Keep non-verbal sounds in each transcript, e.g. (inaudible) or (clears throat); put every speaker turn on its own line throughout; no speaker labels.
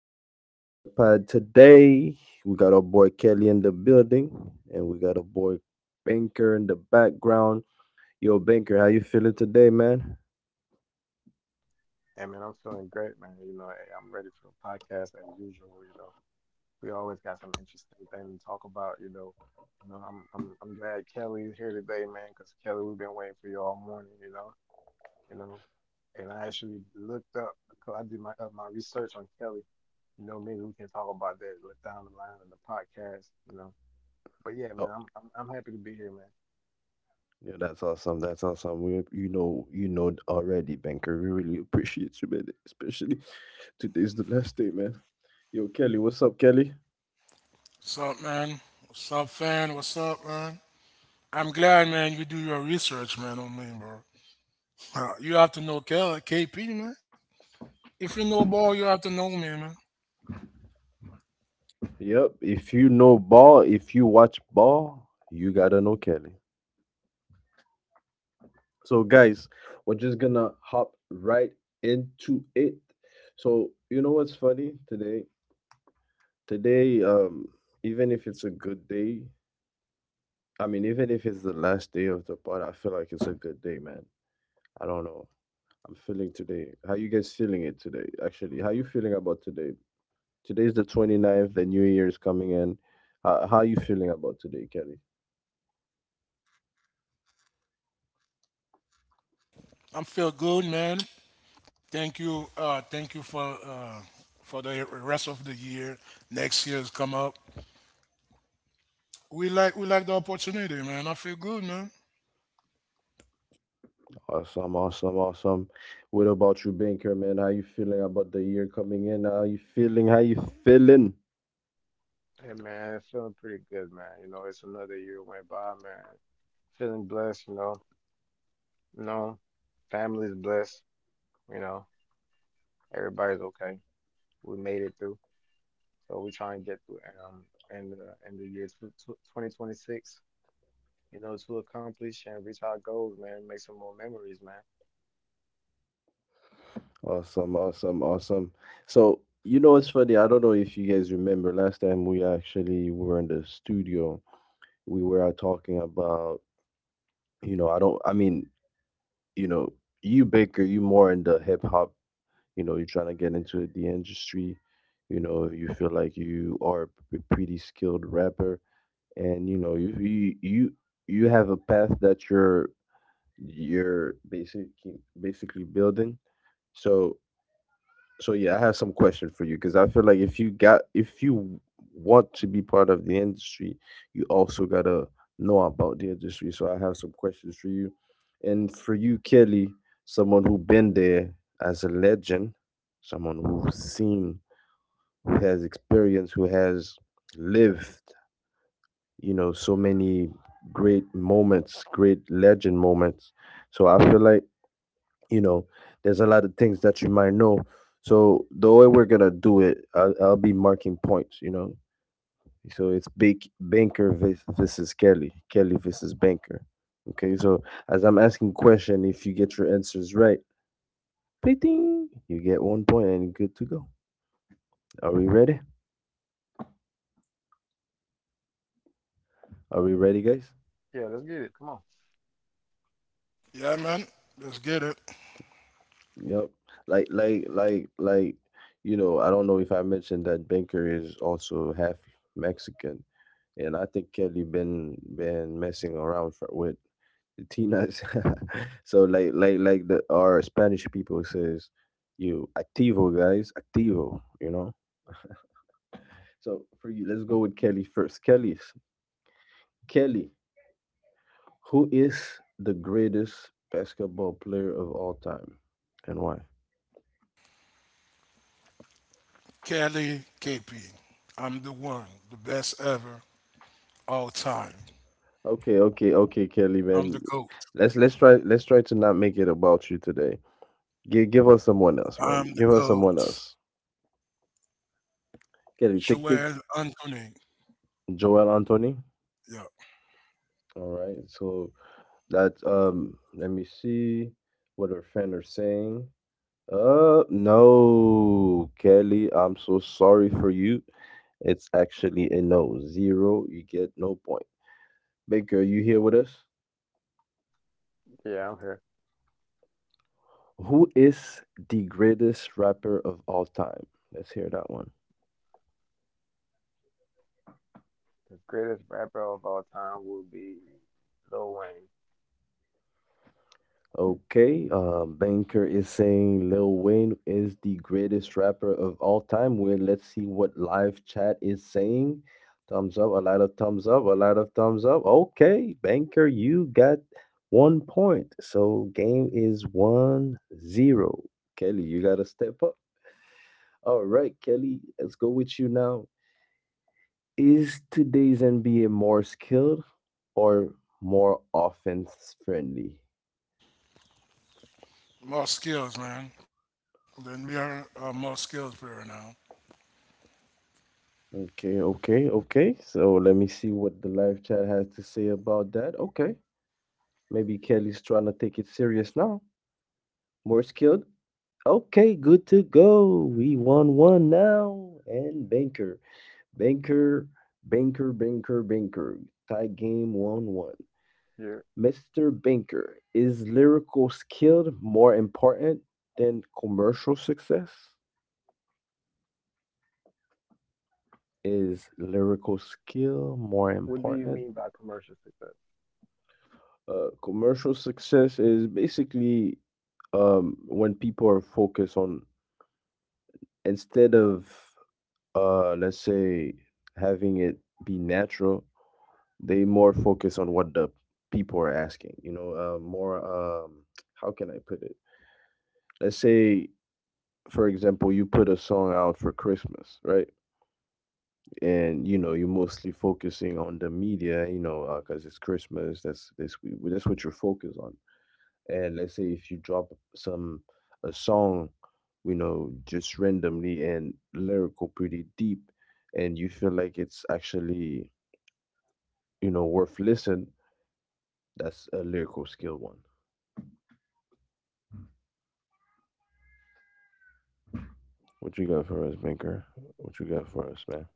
We got another pod today. We got our boy Kelly in the building, and we got a boy Banker in the background. Yo, Banker, how you feeling today, man? Oh, yeah, that's awesome. That's awesome. We, you know already, Banker. We really appreciate you, man. Especially today's the last day, man. Yo, Kelly, what's up, Kelly?
What's up, man? What's up, fan? What's up, man? I'm glad, man, you do your research, man, on me, bro. You have to know Kel, KP, man. If you know ball, you have to know me, man.
Yep. If you know ball, if you watch ball, you gotta know Kelly. So, guys, we're just gonna hop right into it. So, you know what's funny today? Today, even if it's a good day, I mean, even if it's the last day of the pod, I feel like it's a good day, man. I don't know. I'm feeling today. How you guys feeling it today? Actually, how you feeling about today? Today's the twenty ninth. The new year is coming in. How you feeling about today, Kelly?
I'm feel good, man. Thank you for the rest of the year. Next year's come up. We like the opportunity, man. I feel good, man.
Awesome, awesome, awesome. What about you, Banker, man? How you feeling about the year coming in? How you feeling? How you feeling? Awesome, awesome, awesome. So, it's funny. I don't know if you guys remember last time we actually were in the studio, we were talking about, I don't, I mean, you know, you, Baker, you more in the hip hop, you're trying to get into the industry, you feel like you are a pretty skilled rapper, and you know you have a path that you're basically building. So so, yeah, I have some question for you, because I feel like if you got if you want to be part of the industry, you also gotta know about the industry, so I have some questions for you, and for you, Kelly, someone who been there as a legend, someone who's seen, who has experience, who has lived, so many great moments, great legend moments. So I feel like, you know, there's a lot of things that you might know. So the way we're gonna do it, I'll be marking points. So it's big Banker versus Kelly, Kelly versus Banker. Okay, so as I'm asking question, if you get your answers right, ding, you get 1 point and good to go. Are we ready? Are we ready, guys?
Yeah, man. Let's get it.
Yep. Like like like like I don't know if I mentioned that Banker is also half Mexican, and I think Kelly been messing around with Latinas. (laughs) So the our Spanish people says, you activo guys, activo. So for you, let's go with Kelly first. Kelly, who is the greatest basketball player of all time, and why?
Kelly KP. I'm the one, the best ever, all time.
Okay, okay, okay, Kelly, man.
I'm the GOAT.
Let's try to not make it about you today. Give us someone else, man.
I'm the
Give us someone
GOAT.
else. Kelly, tick tick.
Joel Anthony.
Joel Anthony.
Yeah.
All right. So that let me see what our fan are saying. No, Kelly, I'm so sorry for you. It's actually a no. Zero, you get no point. Baker, you here with us? Who is the greatest rapper of all time? Let's hear that one. Okay, Banker is saying Lil Wayne is the greatest rapper of all time. Well, let's see what live chat is saying. Thumbs up, a lot of thumbs up, a lot of thumbs up. Okay, Banker, you got 1 point. So game is 1-0. Kelly, you gotta step up. All right, Kelly, let's go with you now. Is today's NBA more skilled or more offense friendly?
More skills, man. Then we are a more skills player now.
Okay, okay, okay. So let me see what the live chat has to say about that. Okay. Maybe Kelly's trying to take it serious now. More skilled. Okay, good to go. We won one now. And banker. Banker, banker, banker, banker. Tie game 1-1. Mr. Banker, is lyrical skill more important than commercial success? Is lyrical skill more important. Commercial success is basically, when people are focused on, instead of, let's say, having it be natural, they more focus on what the people are asking. More, how can I put it? Let's say, for example, you put a song out for Christmas, right? And you're mostly focusing on the media, because it's Christmas. That's what you're focused on, and let's say if you drop some a song, just randomly, and lyrical pretty deep, and you feel like it's actually, worth listen. That's a lyrical skill one. What you got for us, banker? What you got for us, man?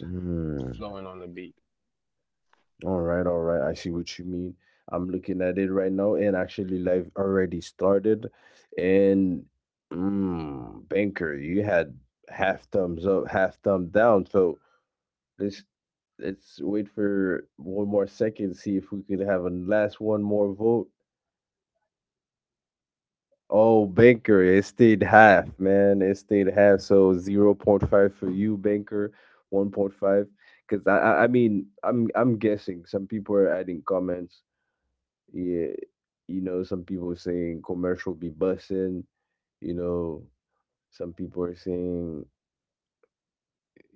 Mm. All right, all right. I see what you mean. I'm looking at it right now, and actually, live already started. And banker, you had half thumbs up, half thumb down. So Let's let's wait for one more second, see if we could have a last one more vote. Oh, Banker, it stayed half, man. It stayed half. So zero point 0.5 for you, Banker, 1.5. Cause I mean I'm guessing some people are adding comments. Yeah, some people saying commercial be bussing, you know, some people are saying.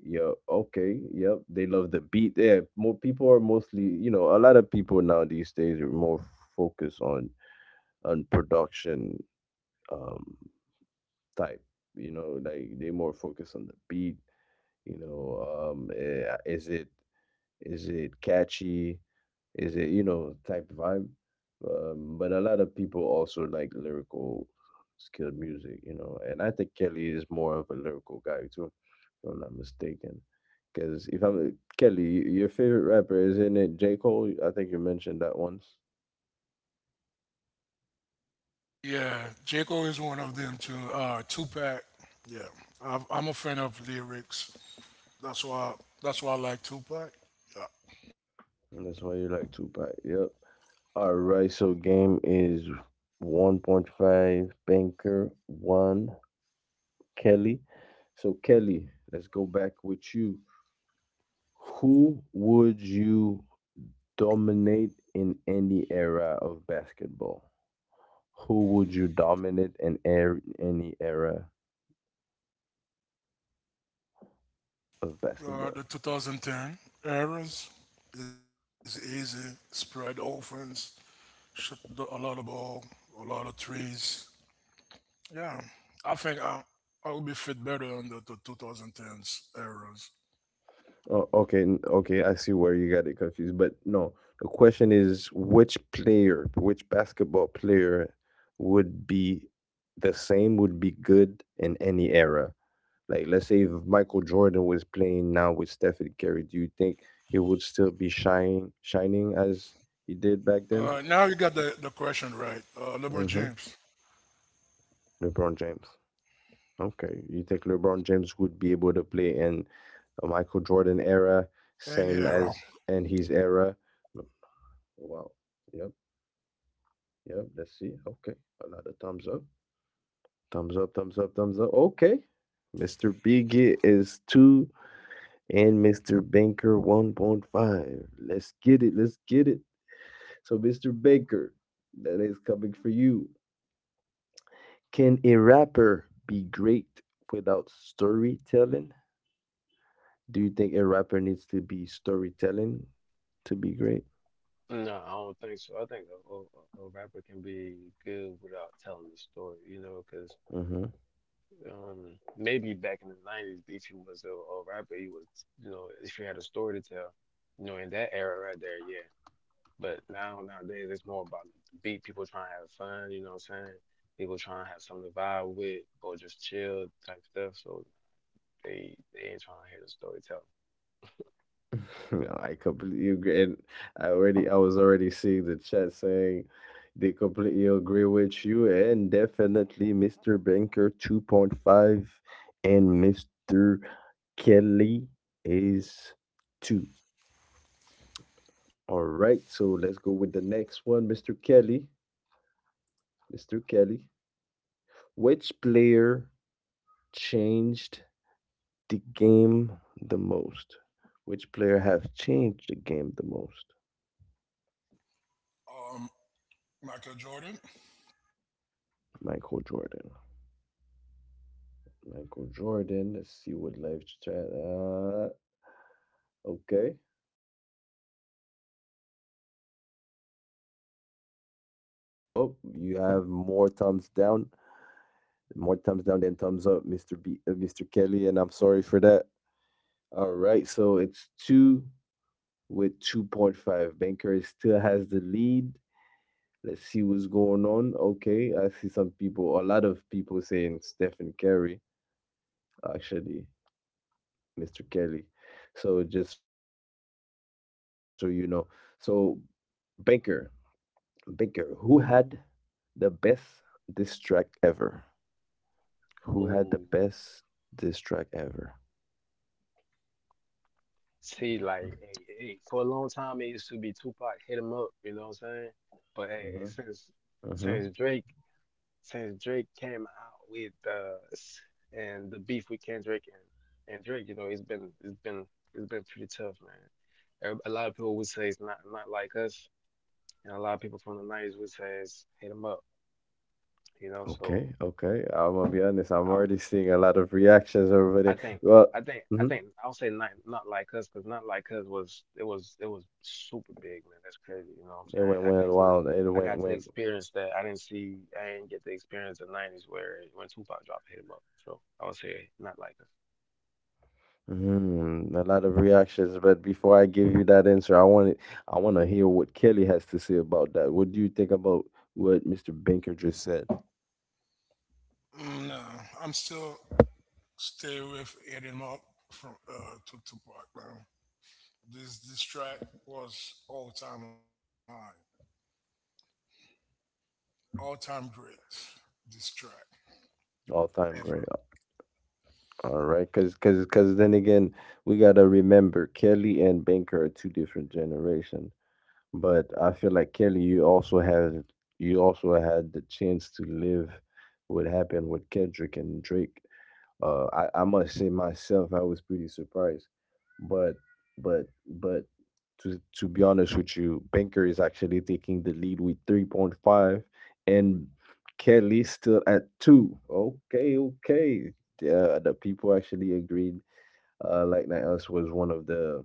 Yeah, okay. Yep. They love the beat. Yeah, more people are mostly, a lot of people now these days are more focused on production, um type, like they more focus on the beat, you know, um eh, is it is it catchy? Is it, type vibe? But a lot of people also like lyrical skilled music. And I think Kelly is more of a lyrical guy too, if I'm not mistaken. Because if I'm Kelly, your favorite rapper, isn't it J. Cole? I think you mentioned that once,
Yeah, Jaco is one of them too. Tupac. Yeah, I'm a fan of lyrics. That's why. That's why I like Tupac. Yeah.
and that's why you like Tupac. Yep. All right. So game is 1.5. Banker one. Kelly. So, Kelly, let's go back with you. Who would you dominate in any era of basketball? Who would you dominate in any era of
The
basketball?
2010 eras is easy. Spread offense. Shoot a lot of ball. A lot of trees. Yeah. I think I would be fit better on the 2010s eras.
Oh, okay, okay. I see where you got it confused, but no. The question is, which player, which basketball player, would be the same, would be good in any era? Like, let's say if Michael Jordan was playing now with Stephen Curry, do you think he would still be shining, shining as he did back
Now you
then?
got the question right. LeBron
Hmm.
James,
LeBron James. Okay, you think LeBron James would be able to play in the Michael Jordan era, same
Paniero,
as in his era? Wow. Yep. Yep. Let's see. Okay. A lot of thumbs up. Thumbs up. Thumbs up. Thumbs up. Okay. Mr. Bigot is two, and Mr. Banker 1.5. Let's get it. Let's get it. So, Mr. Baker, that is coming for you. Can a rapper be great without storytelling? Do you think a rapper needs to be storytelling to be great? Mm-hmm. (laughs) No, I completely agree. And I was already seeing the chat saying they completely agree with you, and definitely Mr. Banker 2.5 and Mr. Kelly is two. All right, so let's go with the next one, Mr. Kelly. Mr. Kelly, which player changed the game the most? Which player have changed the game the most?
um, Michael Jordan.
Michael Jordan. Michael Jordan. Let's see what live chat. Okay. Uh, uh, oh, whoa. You have more thumbs down than thumbs up, Mr. Kelly, and I'm sorry for that. All right, so it's two with 2.5. Banker still has the lead. Let's see what's going on. Okay, I see some people, a lot of people saying Stephen Curry, actually, Mr. Kelly. So just so you know. So Banker, Banker, who had the best diss track ever? Who had the best diss track ever? Uh huh. Hmm, hmm. Okay, okay. I'm gonna be honest. I'm already seeing a lot of reactions over there. Well, mhm. It went wild. It went went a lot of reactions. But before I give you that answer, I want to hear what Kelly has to say about that. What do you think about what Mr. Banker just said?
Mm, nah, I'm still stay with Eddie Mark from to Tupac. Now this track was all time high, all time great. This track
All time great.
ever.
All right, because then again, we gotta remember Kelly and Banker are two different generation. But I feel like Kelly, you also had the chance to live what happened with Kendrick and Drake. I must say myself, I was pretty surprised, but but but to be honest with you, Banker is actually taking the lead with 3.5, and Kelly still at two. Okay, okay. Yeah, the people actually agreed. Like Niles was one of the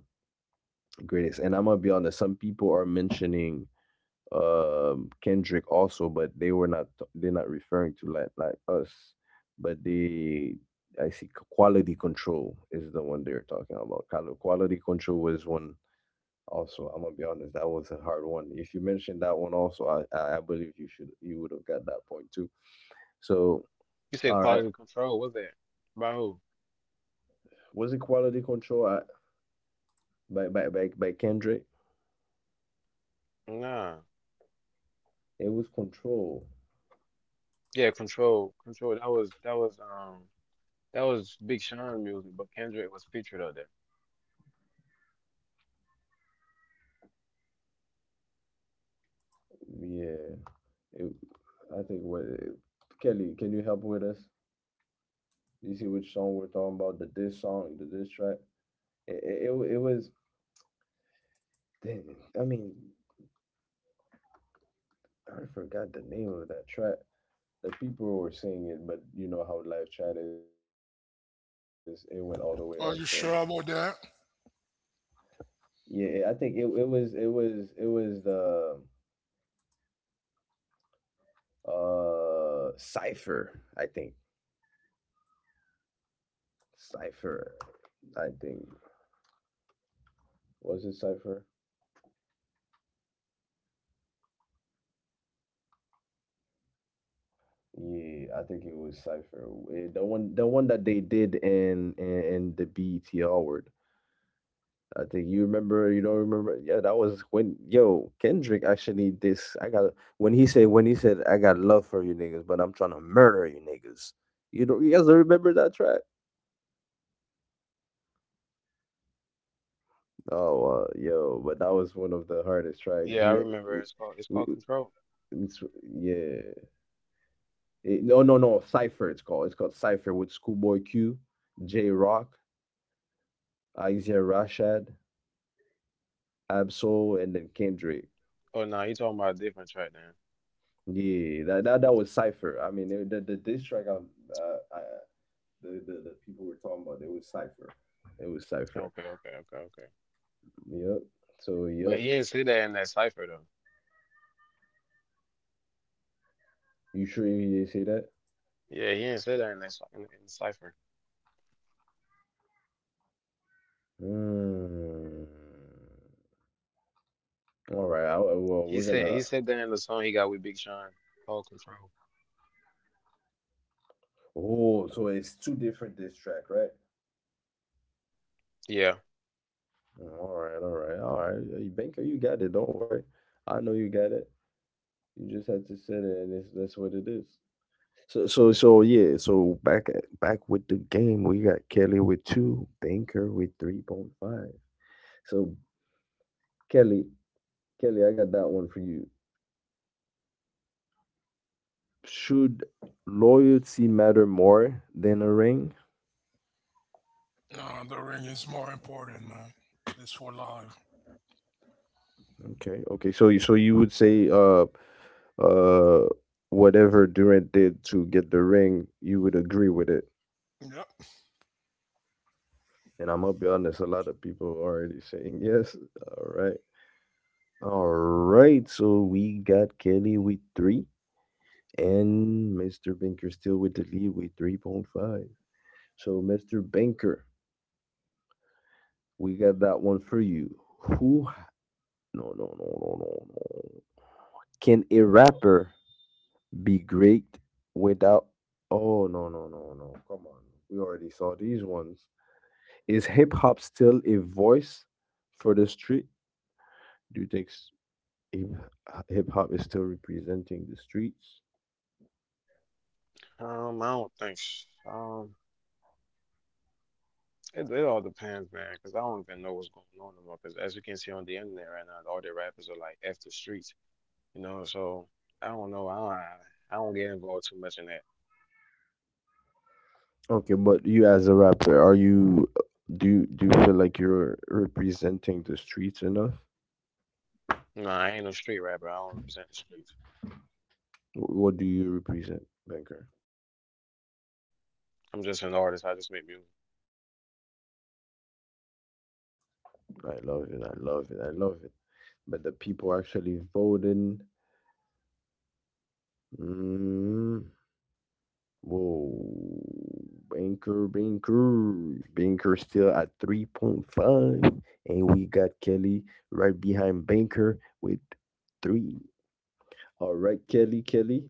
greatest, and I'm gonna be honest. Some people are mentioning Kendrick also, but they're not referring to like us, but they, I see quality control is the one they're talking about. Quality control was one also. I'm gonna be honest, that was a hard one. If you mentioned that one also, I believe you should you would have got that point too. So all right, was it quality control by Kendrick? It was control. Yeah, it, I think what Kelly, can you help with us? You see which song we're talking about? The diss song, the diss track. It, was. Dang, I mean, I forgot the name of that track. The people were singing it, but you know how live chat is. It went all the way up. So
Are you sure about that?
yeah, I think it was the cipher. I think cipher. I think Was it cipher? Yeah, I think it was cipher. The one that they did in the BET Award. I think you remember, you don't remember. Yeah, that was when Kendrick actually this I got when he said I got love for you niggas, but I'm trying to murder you niggas. You guys don't remember that track? But that was one of the hardest track. He we, we it's, Yeah. No, no, no, Cypher it's called. It's called Cypher with Schoolboy Q, J Rock, Isaiah Rashad, Absol, and then Kendrick. Yeah, that was Cypher. I mean, the diss track. The people we're talking about, it was Cipher. It was Cipher. Yep. So yep. You sure you didn't say that? Mm. All right. Well, we're gonna. Oh, so it's two different diss track, right? All right. All right. All right. Banker, you got it. Don't worry. I know you got it. You just had to set it, and that's what it is. So yeah. So back with the game, we got Kelly with two, Banker with 3.5. So Kelly, Kelly, I got that one for you. Should loyalty matter more than a ring?
Nah, the ring is more important, man. It's for life.
Okay, okay. So, so you would say, uh, whatever Durant did to get the ring, you would agree with it.
Yep.
And I'm gonna be honest, a lot of people are already saying yes. All right, all right. So we got Kelly with three, and Mr. Banker still with the lead with 3.5. So, Mr. Banker, we got that one for you. Who No, no, no, no, no, no. Can a rapper be great without? Oh, no, no, no, no. Come on. We already saw these ones. Is hip hop still a voice for the street? Do you think hip hop is still representing the streets? Okay, but you as a rapper, are you do you feel like you're representing the streets enough? What do you represent, Banker? I love it. I love it. I love it. But the people actually voting. Mm, whoa. Banker, Banker. Banker still at 3.5. And we got Kelly right behind Banker with three. All right, Kelly, Kelly.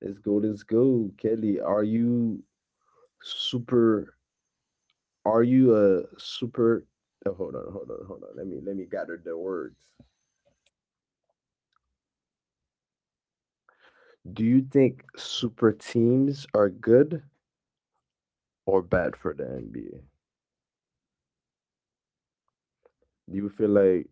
Let's go. Let's go. Kelly, are you super. Are you a super. Oh, hold on, hold on, hold on. Let me gather the words. Do you think super teams are good or bad for the NBA? Do you feel like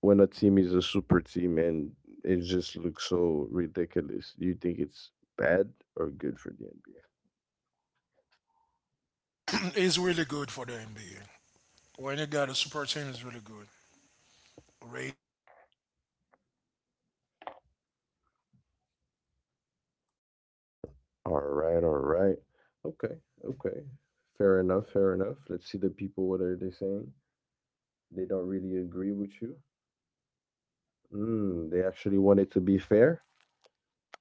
when a team is a super team and it just looks so ridiculous, do you think it's bad or good for the NBA?
(clears throat) It's really good for the NBA. When you got a super team, it's really good. Ray.
All right, all right. Okay, okay. Fair enough, fair enough. Let's see the people what are they saying. They don't really agree with you. Mm, they actually want it to be fair.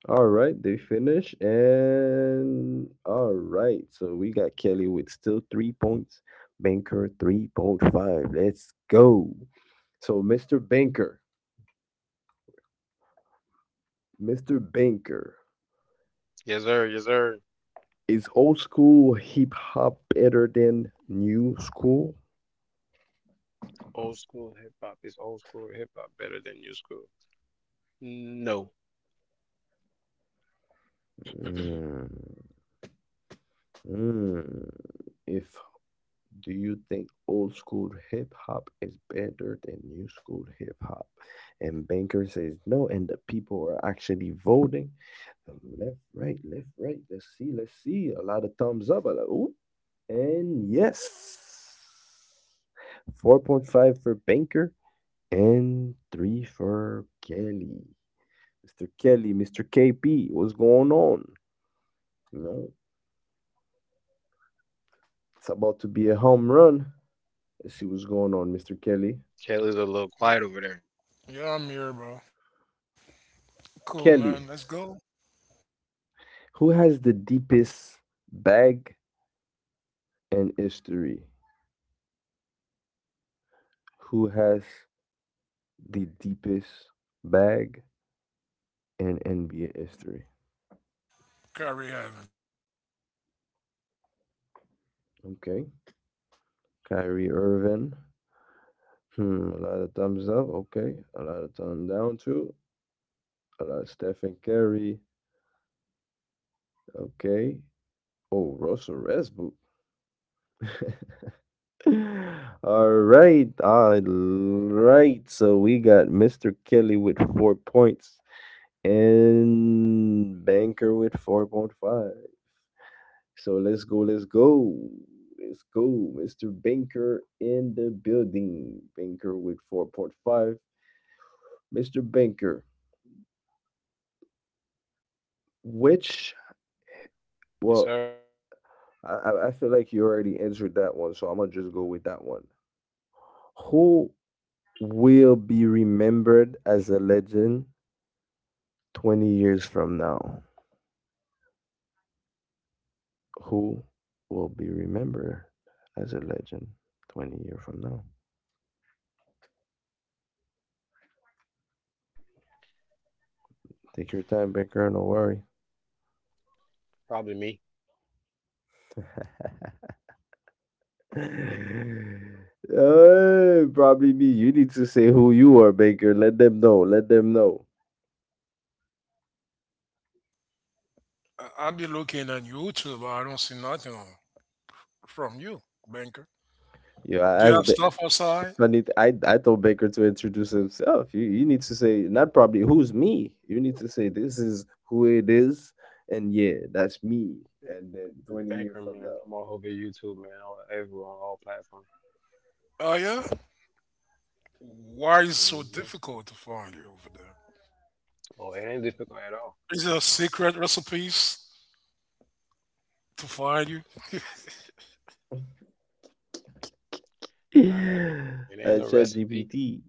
All right, they finish. And all right, so we got Kelly with still 3 points, Banker 3.5. Let's go. So, Mr. Banker, Mr. Banker, is old school hip hop better than new school? Mm, mm. If Do you think old school hip hop is better than new school hip hop? And Banker says no, and the people are actually voting left, right, left, right. Let's see, let's see. A lot of thumbs up. A lot, ooh. And yes, 4.5 for Banker and 3 for Kelly. Mr. Kelly, Mr. KP, what's going on? No, it's about to be a home run. Let's see what's going on, Mr. Kelly.
Yeah, I'm here, bro. Cool, man. Let's go.
Kelly, who has the deepest bag in history? Who has the deepest bag in NBA history?
Carry Evan.
Okay. Kyrie Irving. Hmm, a lot of thumbs up. Okay. A lot of thumbs down too. A lot of Stephen Curry. Okay. Oh, Russell Westbrook. (laughs) All right. All right. So we got Mr. Kelly with 4 points and Banker with 4.5. So let's go. Let's go. Let's go. Mr. Banker in the building. Banker with 4.5. Mr. Banker, which well, I feel like you already answered that one, so I'm gonna just go with that one. Who will be remembered as a legend 20 years from now? Who will be remembered as a legend 20 years from now? Take your time, Baker, no worry. (laughs) Probably me. You need to say who you are, Baker. Let them know. Let them know.
I- I'll be looking on YouTube, but I don't see nothing on- from you, banker.
Yeah,
Do
I
you
asked.
have stuff outside?
Funny, I told Baker to introduce himself. You need to say not probably who's me. You need to say this is who it is, and yeah, that's me. And then 20 years from now,
Oh, yeah? Why is it so difficult to find you over there? Is there secret recipes to find you?
(laughs) at ChatGPT.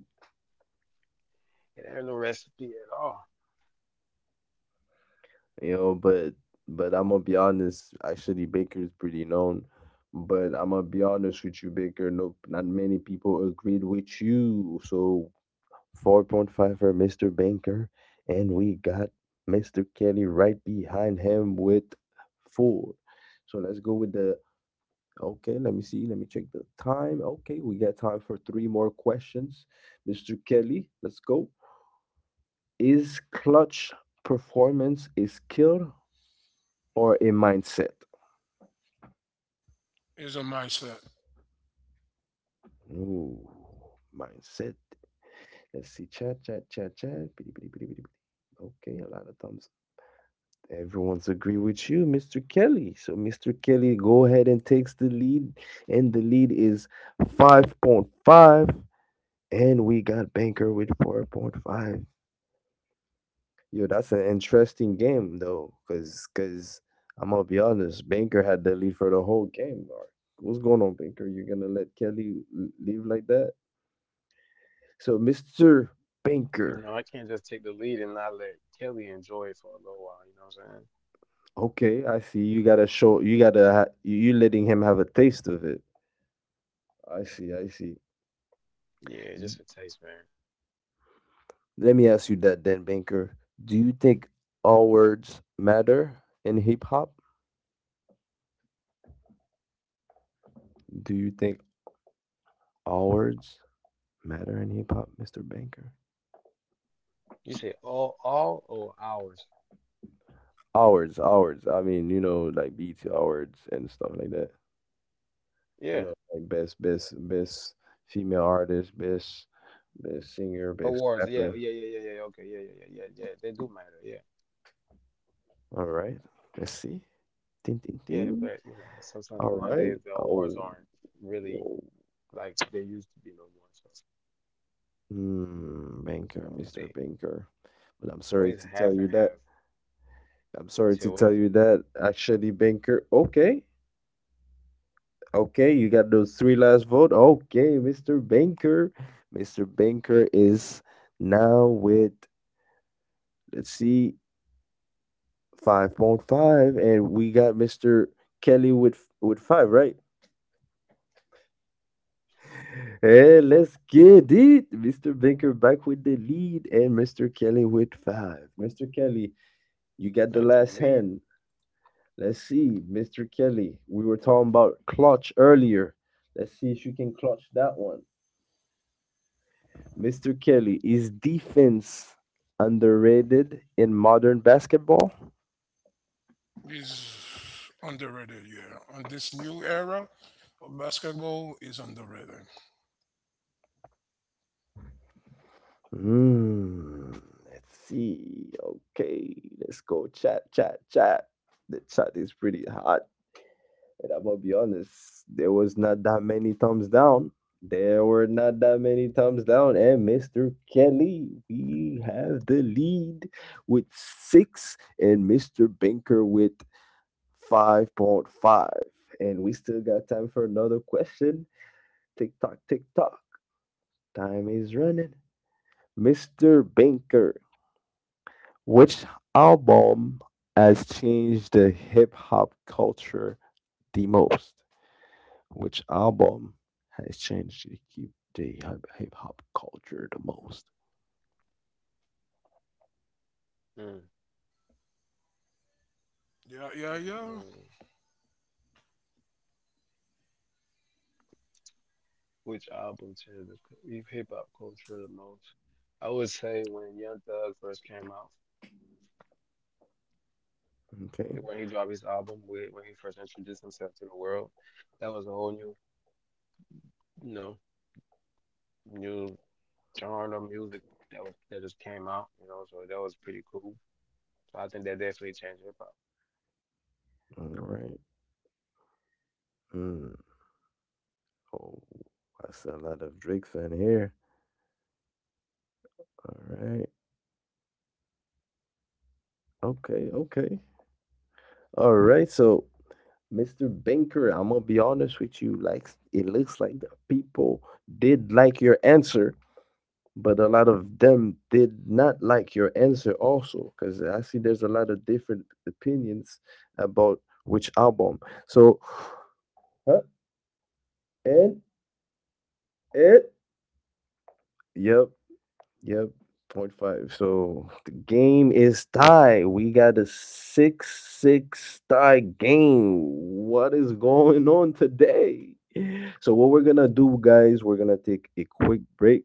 you know, but but I'm gonna be honest, actually Baker's pretty known. But I'm gonna be honest with you, Baker. Nope, not many people agreed with you. So 4.5 for Mr. Baker, and we got Mr. Kelly right behind him with four. So let's go with the. Okay. Let me see. Let me check the time. Okay, we got time for three more questions. Mr. Kelly, let's go. Is clutch performance a skill or a mindset?
Is a mindset.
Ooh, mindset. Let's see. Chat, chat, chat, chat. Bitty, bitty, bitty, bitty, bitty. Okay, a lot of thumbs. Everyone's agree with you, Mr. Kelly. So, Mr. Kelly, go ahead and takes the lead, and the lead is 5.5, and we got Banker with 4.5. Yo, that's an interesting game though, cause I'm gonna be honest, Banker had the lead for the whole game. Mark. What's going on, Banker? You're gonna let Kelly leave like that? So, Mr. Banker. Okay, I see. You gotta show. You gotta. You letting him have a taste of it. I see. I see. Let me ask you that then, Banker. Do you think all words matter in hip hop? Do you think all words matter in hip hop, Mister Banker? All words, all words. I mean, you know, like BT all words and stuff like that. You know, like best, best, best female artist, best, best singer, best rapper. All right. Let's see. Ding, ding, ding. All right. Oh, woah. Mm, banker, Mr. Banker. But I'm sorry to tell you that. I'm sorry to tell you that. Actually, Banker. Okay. Okay, you got those three last vote. Okay, Mr. Banker. Mr. Banker is now with, let's see, 5.5, and we got Mr. Kelly with 5, right? (laughs) Hey, let's get it. Mr. Banker back with the lead and Mr. Kelly with 5. Mr. Kelly, you got the last hand. Let's see, Mr. Kelly. We were talking about clutch earlier. Let's see if you can clutch that one. Mr. Kelly, is defense underrated in modern basketball?
Is underrated, yeah. On this new era of basketball is underrated.
Hmm. Let's see. Okay, let's go chat, chat, chat. The chat is pretty hot. And I'm gonna be honest, there was not that many thumbs down. There were not that many thumbs down. And Mr. Kelly, we have the lead with six, and Mr. Binker with 5.5. And we still got time for another question. Tick tock, tick tock. Time is running. Mr. Binker, which album has changed the hip hop culture the most? Which album has changed the hip hop culture the most?
Yeah, yeah, yeah.
Okay, all right. Mm. Oh, I see a lot of Drake fan here. All right. Okay. Okay. All right. So Mr. Binker, I'm gonna be honest with you. Like it looks like the people did like your answer, but a lot of them did not like your answer also, because I see there's a lot of different opinions about which album. So huh? and it yep. Yep, point five. So the game is tied. We got a 6-6 tie game. What is going on today? So what we're gonna do, guys, we're gonna take a quick break,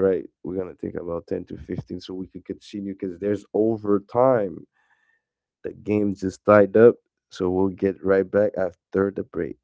right? We're gonna take about 10 to 15 so we can continue because there's overtime. The game just tied up. So we'll get right back after the break.